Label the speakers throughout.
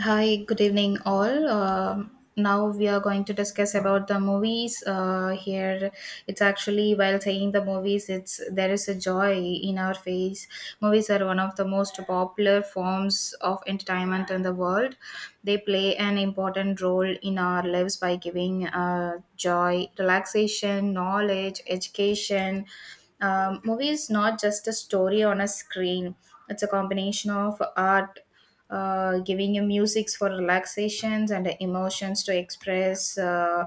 Speaker 1: Hi, good evening, all. Now we are going to discuss about the movies. Here, it's actually while saying the movies, it's there is a joy in our face. Movies are one of the most popular forms of entertainment in the world. They play an important role in our lives by giving joy, relaxation, knowledge, education. Movies not just a story on a screen. It's a combination of art, giving you musics for relaxations and emotions to express uh,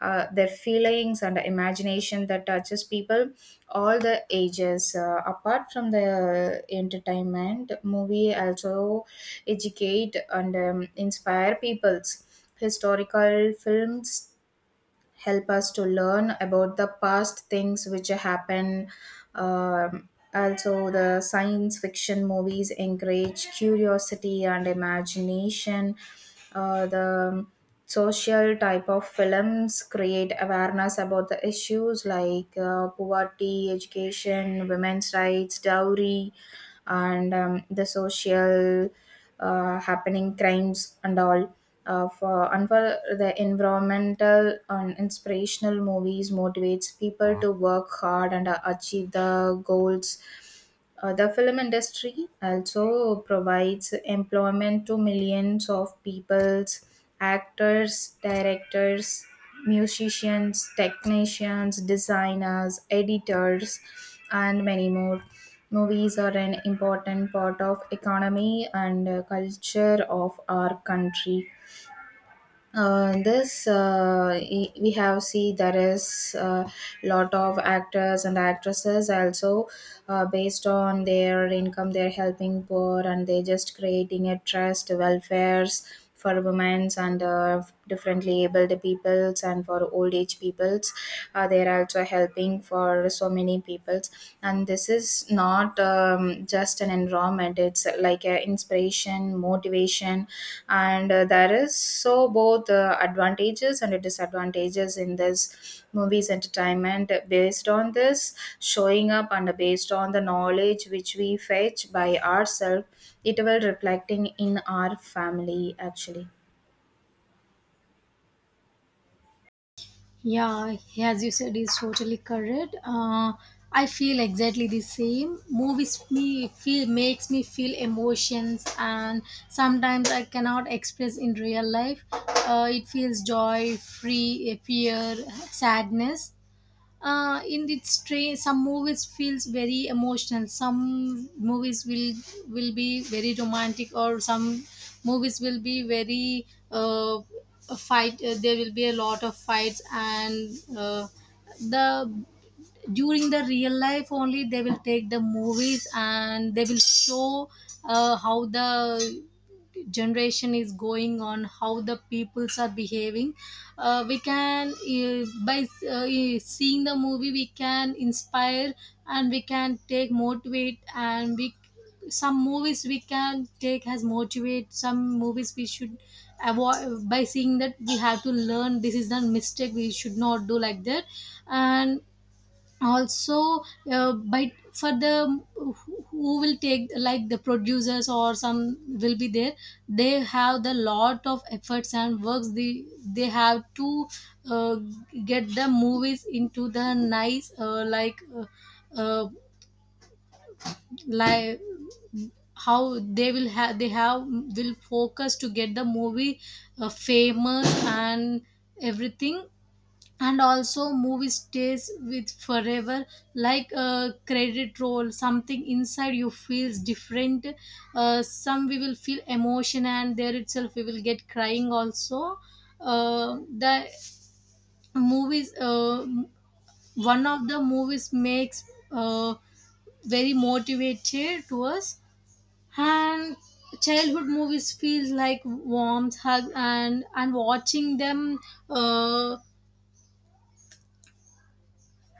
Speaker 1: uh, their feelings and imagination that touches people all the ages. Apart from the entertainment, movie also educate and inspire people's. Historical films help us to learn about the past things which happen. Um, Also, the science fiction movies encourage curiosity and imagination. The social type of films create awareness about the issues like poverty, education, women's rights, dowry, and the social happening crimes and all. For the environmental and inspirational movies motivates people to work hard and achieve the goals. The film industry also provides employment to millions of people: actors, directors, musicians, technicians, designers, editors, and many more. Movies are an important part of economy and culture of our country. In this we have see there is a lot of actors and actresses also, based on their income they're helping poor and they just creating a trust welfares for women's and differently abled peoples and for old age peoples. They're also helping for so many peoples, and this is not just an environment, it's like a inspiration motivation. And There is so both advantages and disadvantages in this movies entertainment. Based on this showing up and based on the knowledge which we fetch by ourselves, it will reflecting in our family actually.
Speaker 2: Yeah, as you said, is totally correct. I feel exactly the same. Movies me feel makes me feel emotions, and sometimes I cannot express in real life. It feels joy, free, fear, sadness, in its train some movies feels very emotional, some movies will be very romantic, or some movies will be very uh, a fight. There will be a lot of fights and uh, the during the real life only they will take the movies, and they will show how the generation is going on, how the peoples are behaving. We can by seeing the movie we can inspire, and we can take motivate, and we, some movies we can take as motivate, some movies we should avoid. By seeing that, we have to learn this is the mistake we should not do like that. And also, by for the who will take like the producers or some will be there, they have the lot of efforts and works. They have to uh, get the movies into the nice uh, like how they will have, they have will focus to get the movie famous and everything. And also movie stays with forever like a credit roll, something inside you feels different. Some, we will feel emotion and there itself we will get crying also. The Movies, one of the movies makes uh, very motivated to us. And childhood movies feels like warmth hug, and watching them, uh,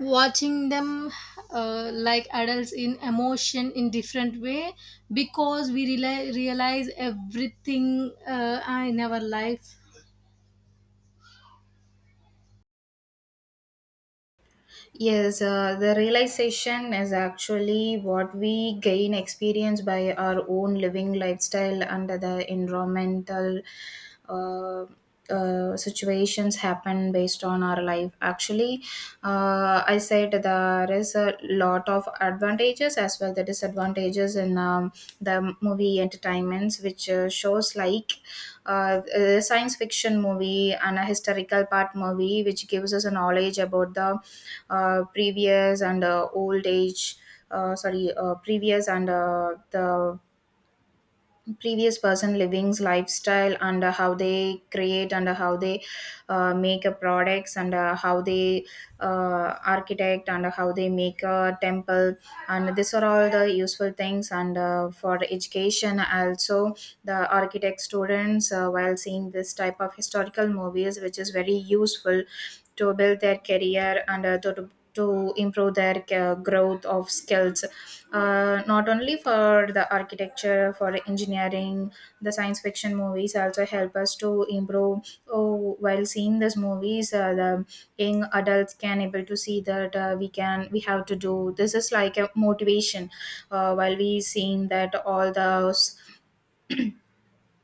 Speaker 2: watching them like adults in emotion in different way, because we rela realize everything in our life.
Speaker 1: Yes, the realization is actually what we gain experience by our own living lifestyle under the environmental uh, situations happen based on our life. Actually, I said there is a lot of advantages as well the disadvantages in the movie entertainments, which shows like a science fiction movie and a historical part movie, which gives us a knowledge about the previous and old age, sorry previous and the previous person living's lifestyle, and how they create, and how they make a products, and how they architect, and how they make a temple. And these are all the useful things, and for education also the architect students, while seeing this type of historical movies which is very useful to build their career and to improve their growth of skills. Not only for the architecture, for engineering, the science fiction movies also help us to improve. Oh, while seeing these movies, the young adults can able to see that we have to do this is like a motivation. While we seeing that all the,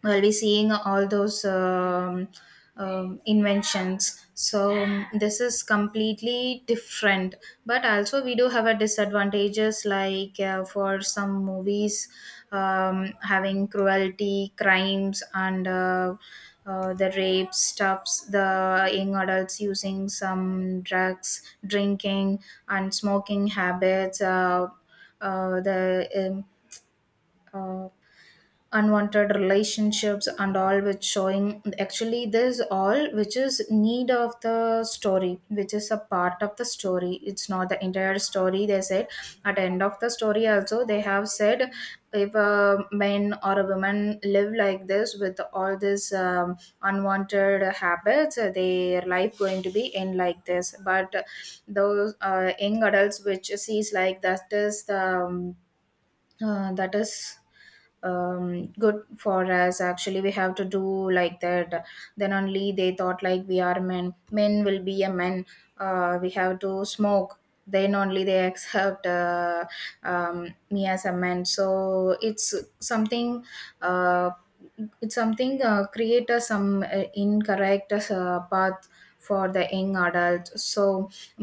Speaker 1: we'll be seeing all those inventions, so this is completely different. But also we do have a disadvantages, like for some movies having cruelty crimes and the rape stuffs, the young adults using some drugs, drinking and smoking habits, the uh, unwanted relationships and all, which showing actually this all which is need of the story, which is a part of the story, it's not the entire story, they said. At the end of the story also they have said, if a man or a woman live like this with all these unwanted habits, their life going to be end like this. But those young adults which sees like that is the that is good for us, actually we have to do like that. Then only they thought like we are men, will be a man. We have to smoke, then only they accept me as a man. So it's something, uh, it's something, create a some incorrect path for the young adult. So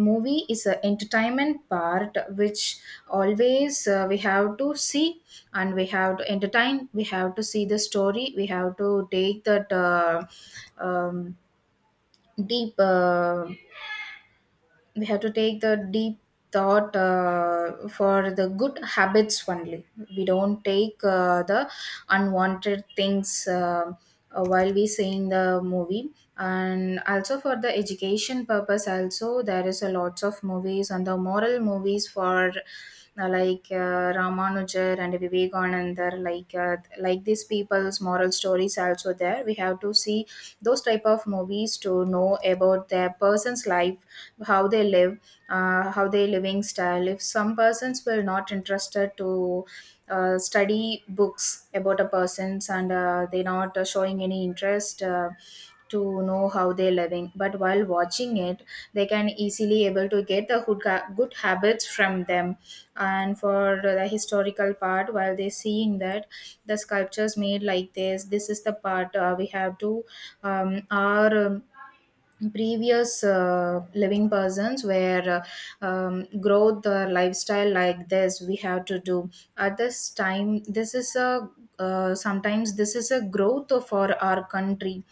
Speaker 1: movie is an entertainment part, which always we have to see, and we have to entertain, we have to see the story, we have to take that um, deep we have to take the deep thought for the good habits only. We don't take the unwanted things, while we seeing the movie. And also for the education purpose also there is a lots of movies on the moral movies for, Ramanujar and Vivekananda, like these people's moral stories also there. We have to see those type of movies to know about their person's life, how they live, how they living style. If some persons will not interested to study books about a persons and they not showing any interest, to know how they living, but while watching it they can easily able to get the good, good habits from them. And for the historical part, while they seeing that the sculptures made like this is the part we have to our previous living persons where growth or lifestyle like this we have to do at this time. This is a, sometimes this is a growth for our country.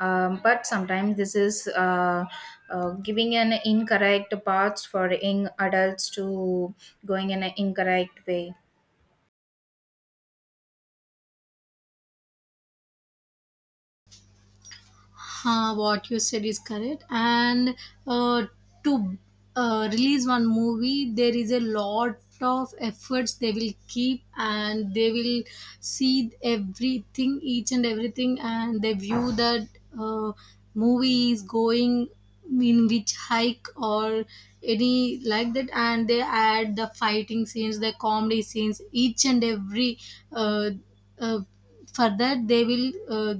Speaker 1: But sometimes this is giving an incorrect paths for young adults to going in an incorrect way.
Speaker 2: Huh, what you said is correct. And uh, to release one movie, there is a lot of efforts they will keep, and they will see everything, each and everything, and they view that uh, movie is going in which hike or any like that, and they add the fighting scenes, the comedy scenes, each and every. uh, uh, for that they will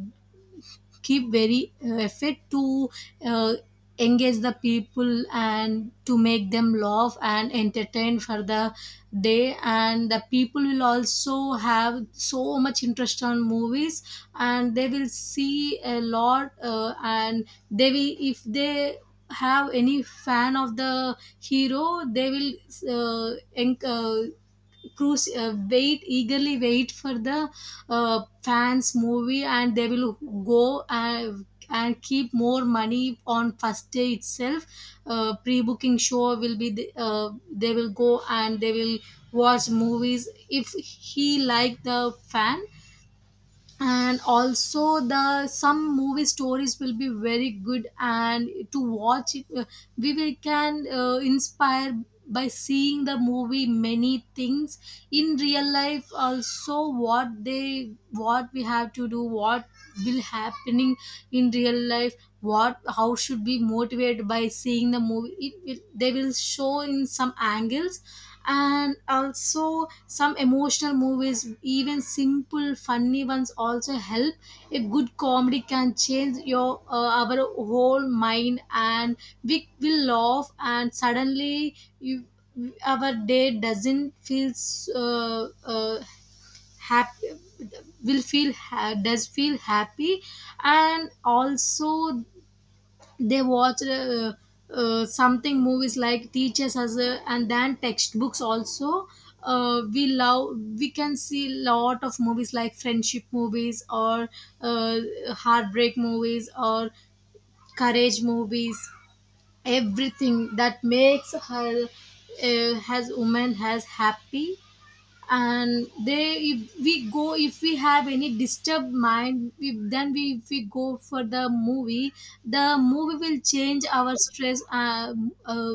Speaker 2: keep very effort to uh, engage the people and to make them laugh and entertain for the day. And the people will also have so much interest on movies, and they will see a lot, and they will, if they have any fan of the hero, they will uh, en- uh, cruise, wait eagerly wait for the fans movie, and they will go and, keep more money on first day itself. Pre-booking show will be the, they will go and they will watch movies if he like the fan. And also the, some movie stories will be very good, and to watch it, we will can inspire by seeing the movie many things in real life also, what they, what we have to do, what will happening in real life, what, how should be motivated by seeing the movie, it will, they will show in some angles. And also some emotional movies, even simple funny ones also help. A good comedy can change your our whole mind, and we will laugh and suddenly you, our day doesn't feel uh, uh, happy, will feel does feel happy. And also they watch something movies like teachers as a, and then textbooks also. We love, we can see lot of movies like friendship movies, or uh, heartbreak movies, or courage movies, everything that makes her has woman has happy. And they, if we go, if we have any disturbed mind, we, then we, if we go for the movie, the movie will change our stress, uh,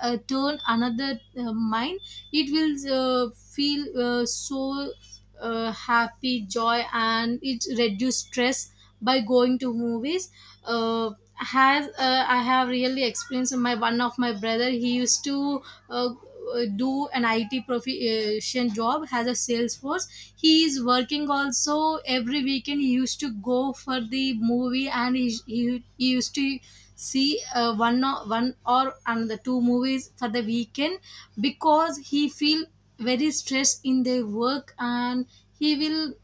Speaker 2: turn another mind. It will feel so happy joy, and it reduce stress by going to movies. Has I have really experienced, my one of my brother, he used to uh, do an IT profession job has a sales force. He is working also every weekend. He used to go for the movie, and he used to see one or another two movies for the weekend, because he feel very stressed in their work. And he will,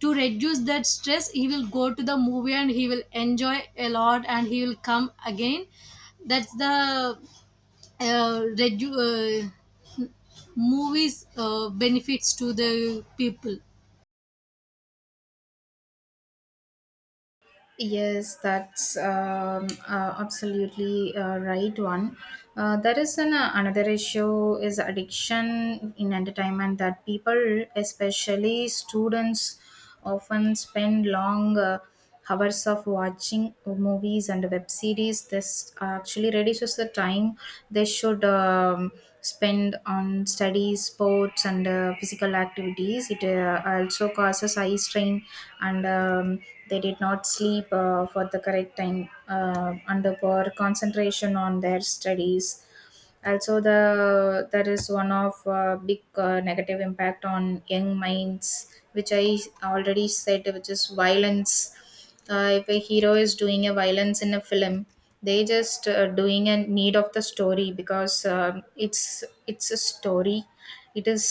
Speaker 2: to reduce that stress, he will go to the movie and he will enjoy a lot and he will come again. That's the uh, redu- uh, movies benefits to the people.
Speaker 1: Yes, that's absolutely right one. There is an, another issue is addiction in entertainment, that people, especially students, often spend long hours of watching movies and web series. This actually reduces the time they should. Spent on studies, sports, and physical activities. It also causes eye strain, and they did not sleep for the correct time, and the poor concentration on their studies. Also the that is one of big negative impact on young minds, which I already said, which is violence. If a hero is doing a violence in a film, they just doing a need of the story, because it's a story, it is,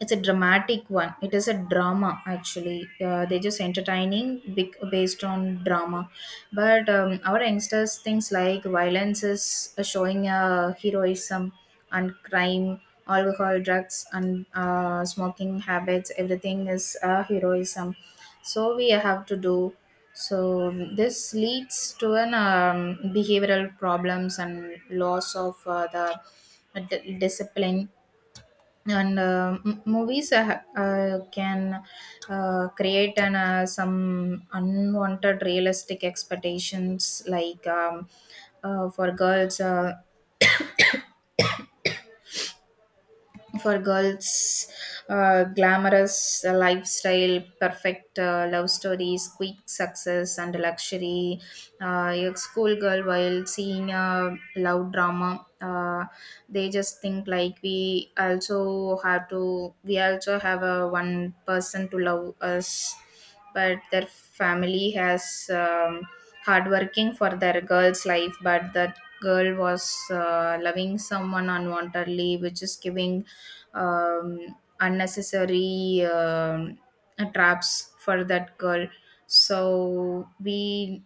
Speaker 1: it's a dramatic one. It is a drama actually. They just entertaining big, based on drama, but our youngsters things like violence is showing heroism and crime, alcohol, drugs, and smoking habits. Everything is heroism. So we have to do. So this leads to an behavioral problems and loss of discipline. Movies can create an, some unwanted realistic expectations, like uh, for girls uh, for girls, glamorous lifestyle, perfect love stories, quick success and luxury. A schoolgirl while seeing a love drama, they just think like we also have to, we also have a one person to love us. But their family has um, hard working for their girl's life, but that girl was loving someone unwantedly, which is giving unnecessary traps for that girl. so we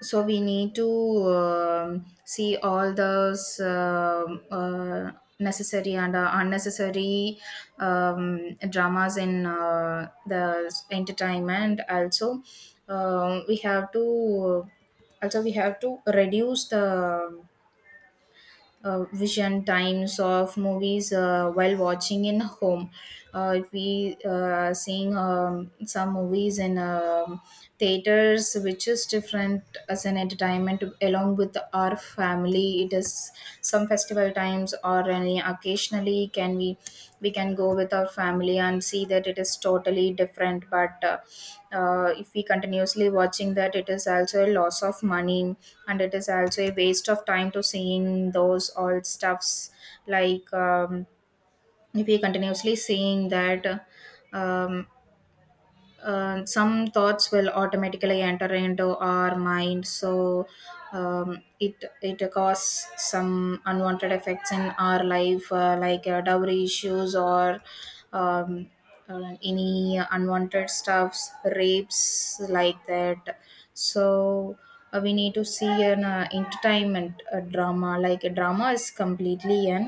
Speaker 1: so we need to um, see all those necessary and unnecessary dramas in the entertainment also. We have to, also we have to reduce the vision times of movies while watching in home. If we seeing some movies in theaters, which is different as an entertainment along with our family. It is some festival times or any occasionally can we can go with our family and see that, it is totally different. But if we continuously watching that, it is also a loss of money, and it is also a waste of time to seeing those all stuffs. Like if we continuously seeing that, um, some thoughts will automatically enter into our mind. So it causes some unwanted effects in our life, like dowry issues or um, any unwanted stuffs, rapes, like that. So we need to see an entertainment drama, like a drama is completely an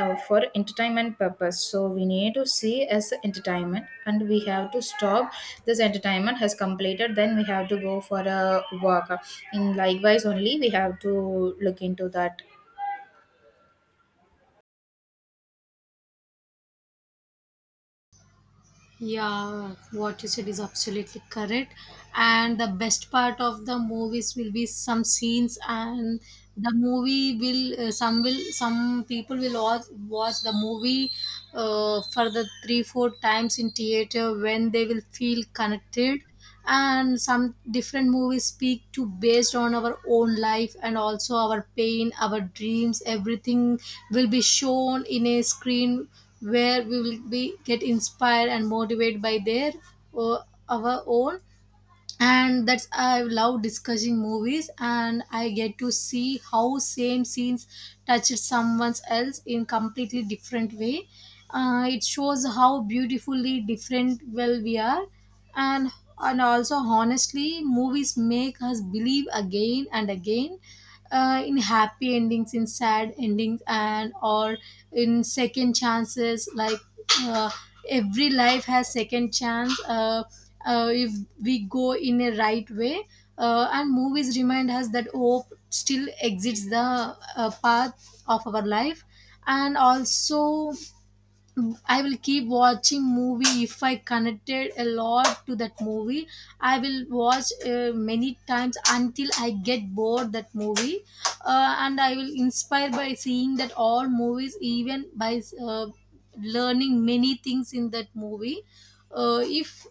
Speaker 1: for entertainment purpose. So we need to see as entertainment, and we have to stop this entertainment has completed, then we have to go for a work. In likewise only we have to look into that.
Speaker 2: Yeah, what you said is absolutely correct. And the best part of the movies will be some scenes. And the movie will some will, some people will watch the movie for the 3 4 times in theater when they will feel connected. And some different movies speak to, based on our own life, and also our pain, our dreams, everything will be shown in a screen, where we will be get inspired and motivated by their uh, our own. And that's, I love discussing movies, and I get to see how same scenes touched someone else in completely different way. It shows how beautifully different well we are. and and also honestly movies make us believe again and again, in happy endings, in sad endings, and or in second chances. Like, uh, every life has second chance. If we go in a right way, and movies remind us that hope still exists, the path of our life. And also I will keep watching movie if I connected a lot to that movie. I will watch many times until I get bored that movie, and I will inspire by seeing that all movies, even by learning many things in that movie. If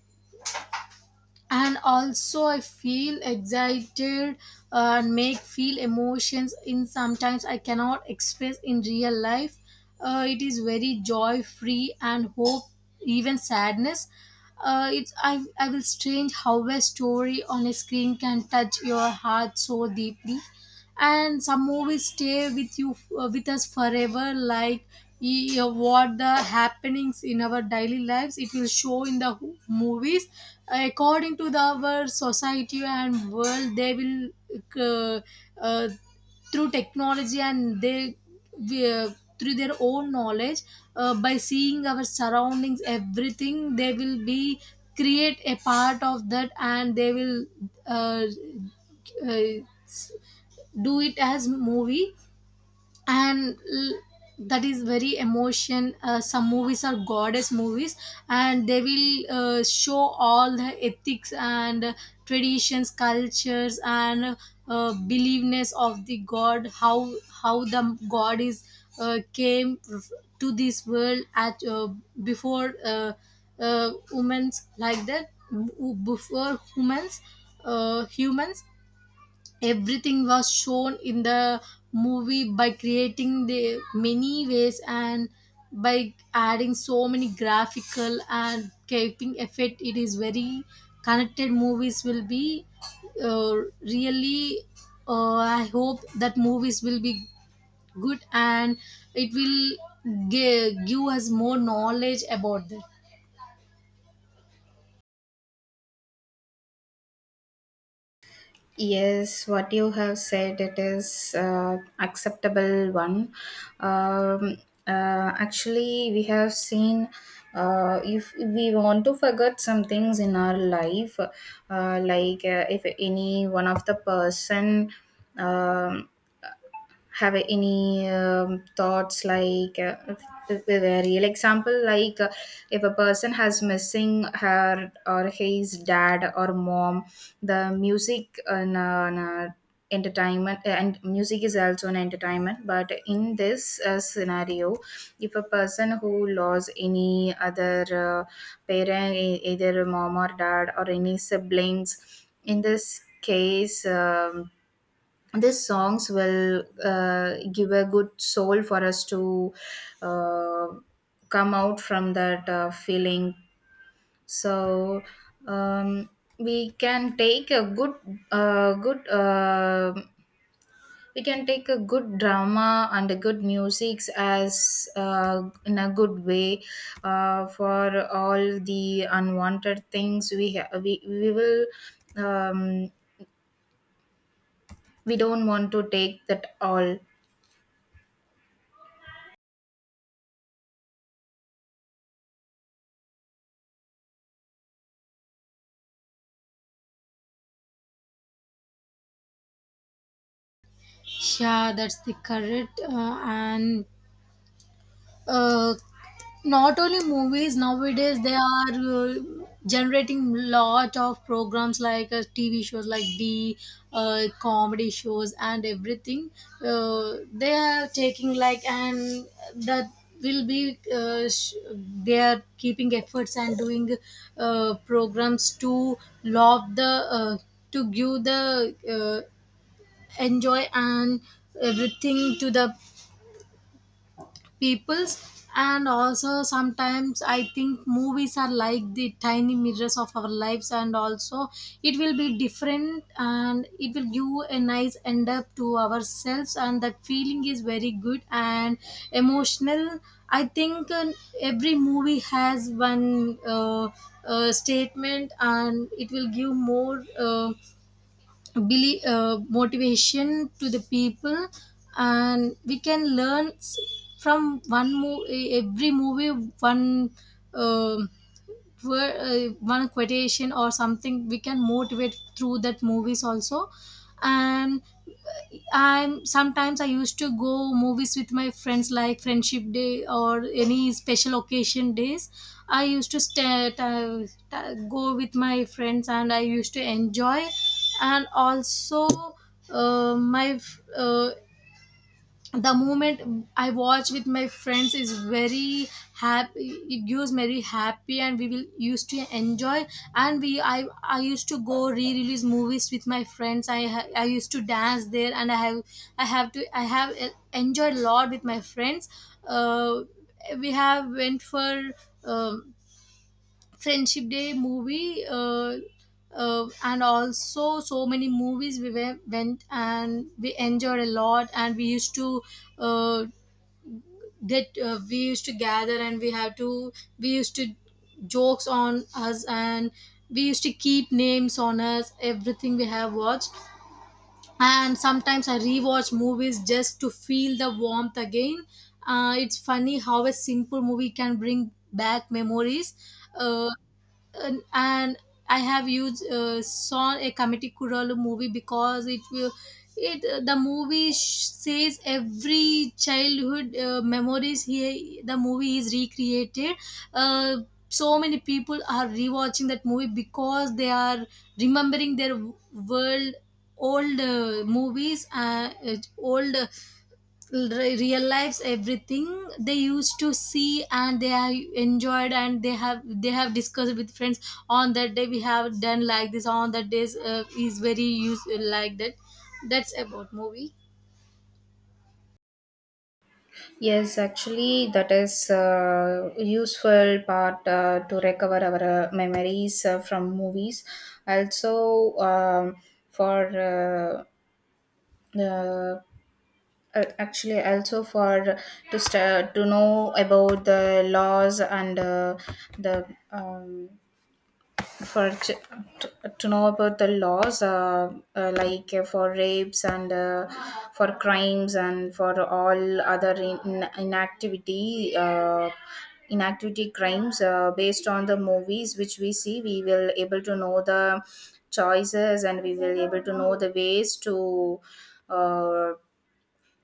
Speaker 2: And also I feel excited, and make feel emotions in sometimes I cannot express in real life. It is very joy, free, and hope, even sadness. It's I will strange how a story on a screen can touch your heart so deeply. And some movies stay with you, with us forever, like what the happenings in our daily lives it will show in the movies. According to the our society and world they will uh, uh, through technology, and they, we, uh, through their own knowledge, by seeing our surroundings everything, they will be create a part of that, and they will uh, uh, do it as movie. and l- that is very emotion. Some movies are goddess movies, and they will show all the ethics and traditions, cultures, and believeness of the god, how the god is came to this world at before women's like that, w- before humans humans, everything was shown in the movie by creating the many ways, and by adding so many graphical and keeping effect. It is very connected. Movies will be uh, really, I hope that movies will be good, and it will give us more knowledge about that.
Speaker 1: Yes, what you have said, it is acceptable one. Um, Actually, we have seen, if we want to forget some things in our life, if any one of the person um, have any thoughts like with a real example, like if a person has missing her or his dad or mom, the music and entertainment and music is also an entertainment. But in this scenario, if a person who lost any other parent, either mom or dad or any siblings, in this case these songs will give a good soul for us to uh, come out from that feeling. So um, we can take a good good we can take a good drama and a good music as in a good way for all the unwanted things. We will um, we don't want to take that all.
Speaker 2: Yeah, that's the correct. And uh, Not only movies, nowadays they are generating lot of programs like TV shows, like the comedy shows and everything. They are taking like, and that will be they are keeping efforts and doing programs to love the, uh, to give the enjoy and everything to the peoples. And also sometimes I think movies are like the tiny mirrors of our lives. And also it will be different, and it will give a nice end up to ourselves, and that feeling is very good and emotional. I think every movie has one statement, and it will give more believe, motivation to the people. And we can learn from one movie, every movie, one um, wor- one quotation or something, we can motivate through that movies also. And I'm sometimes I used to go movies with my friends like friendship day or any special occasion days. I used to go with my friends and I used to enjoy. And also uh, my f- uh, the moment I watch with my friends is very happy. It gives very happy, and we will used to enjoy. And we, I used to go re-release movies with my friends. I used to dance there, and I have enjoyed a lot with my friends. Uh, we have went for um friendship day movie, and also so many movies we went and we enjoyed a lot, and we used to uh, get we used to gather, and we used to jokes on us, and we used to keep names on us, everything we have watched. And sometimes I rewatch movies just to feel the warmth again. It's funny how a simple movie can bring back memories. Uh, and I have used saw a committee Kural movie because it will, it the movie says every childhood memories here. The movie is recreated, uh, so many people are rewatching that movie because they are remembering their w- world old movies, real lives, everything they used to see, and they have enjoyed, and they have discussed with friends. On that day we have done like this, on that days, is very use, like that. That's about movie.
Speaker 1: Yes, actually, that is a useful part to recover our memories from movies. Also, for uh, uh, actually, also for to st- to know about the laws and the for ch- to, to know about the laws, for rapes and for crimes and for all other in, inactivity, inactivity crimes, based on the movies which we see, we will able to know the choices, and we will able to know the ways to uh,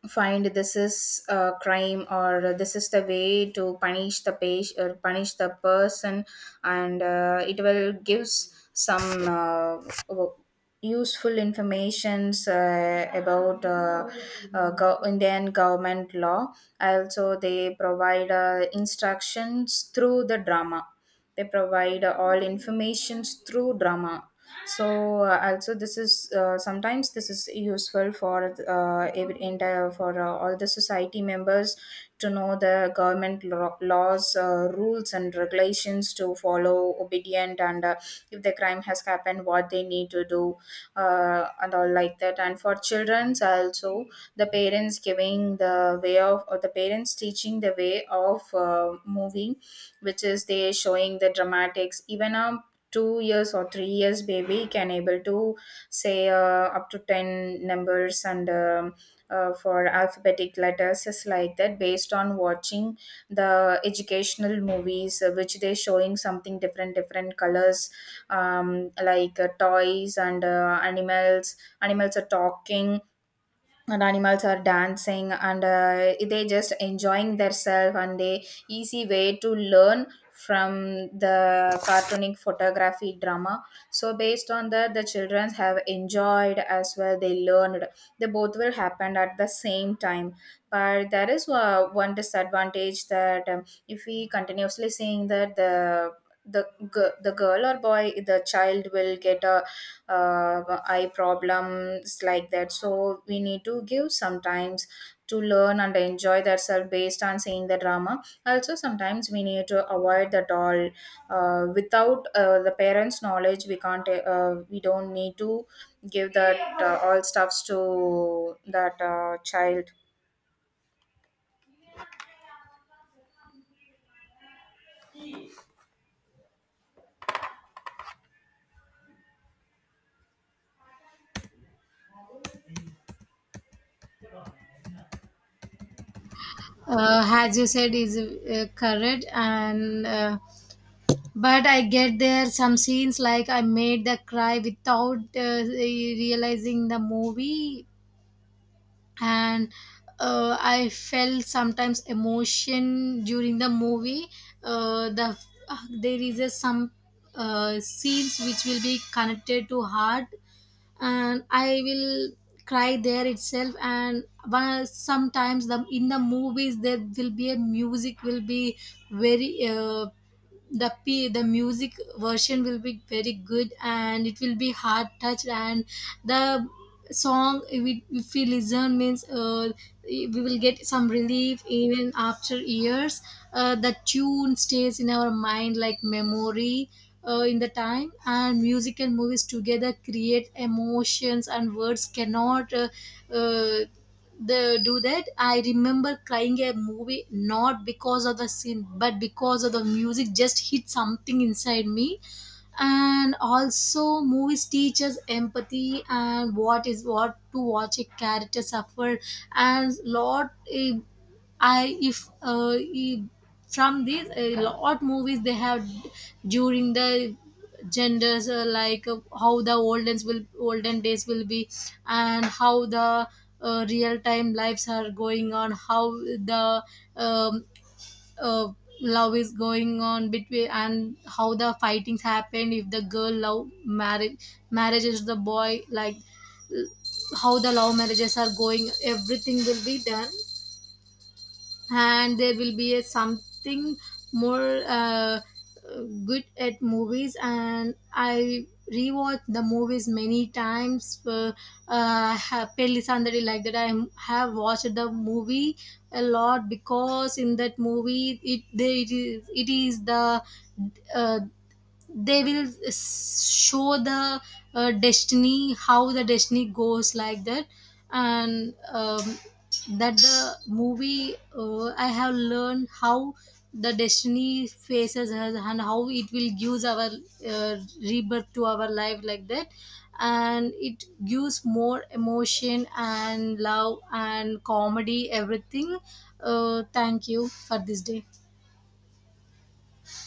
Speaker 1: find this is a crime or this is the way to punish the patient or punish the person. And it will gives some w- useful informations about Indian government law. Also they provide instructions through the drama, they provide all informations through drama. So also this is sometimes this is useful for entire for all the society members to know the government laws, rules and regulations to follow obedient, and if the crime has happened, what they need to do, and all like that. And for childrens also, the parents giving the way of, or the parents teaching the way of moving, which is they showing the dramatics. Even a 2 years or 3 years baby can able to say up to 10 numbers, and for alphabetic letters is like that, based on watching the educational movies, which they showing something different different colors, like toys and animals, are talking and animals are dancing, and they just enjoying themselves, and they easy way to learn from the cartooning photography drama. So based on that, the children have enjoyed as well they learned, they both will happen at the same time. But there is one disadvantage, that if we continuously seeing that, the, the girl or boy, the child will get a eye problems, like that. So we need to give sometimes to learn and enjoy that self based on seeing the drama. Also sometimes we need to avoid that all, without the parents knowledge. We don't need to give that all stuffs to that child.
Speaker 2: As you said is correct. And But I get there some scenes like I made the cry without realizing the movie, and I felt sometimes emotion during the movie. Uh, the there is a, some scenes which will be connected to heart, and I will cry there itself. And one, sometimes the, in the movies there will be a music will be very. The music version will be very good, and it will be heart touched. And the song, we if we listen means, we will get some relief even after years. The tune stays in our mind like memory, in the time. And music and movies together create emotions, and words cannot uh, do that. I remember crying a movie not because of the scene, but because of the music just hit something inside me. And also movies teach us empathy, and what is, what to watch a character suffer. And lot, eh, I if eh, from these a lot movies they have during the genders, like how the olden days will be, and how the real time lives are going on, how the um, uh, love is going on between, and how the fightings happen if the girl love marriage marriages the boy, like, l- how the love marriages are going, everything will be done. And there will be a something more good at movies. And I rewatch the movies many times, pelli sandari like that, I have watched the movie a lot, because in that movie it is the uh, they will show the destiny, how the destiny goes like that. And that the movie, I have learned how the destiny faces us, and how it will gives our rebirth to our life like that. And it gives more emotion and love and comedy, everything. Thank you for this day.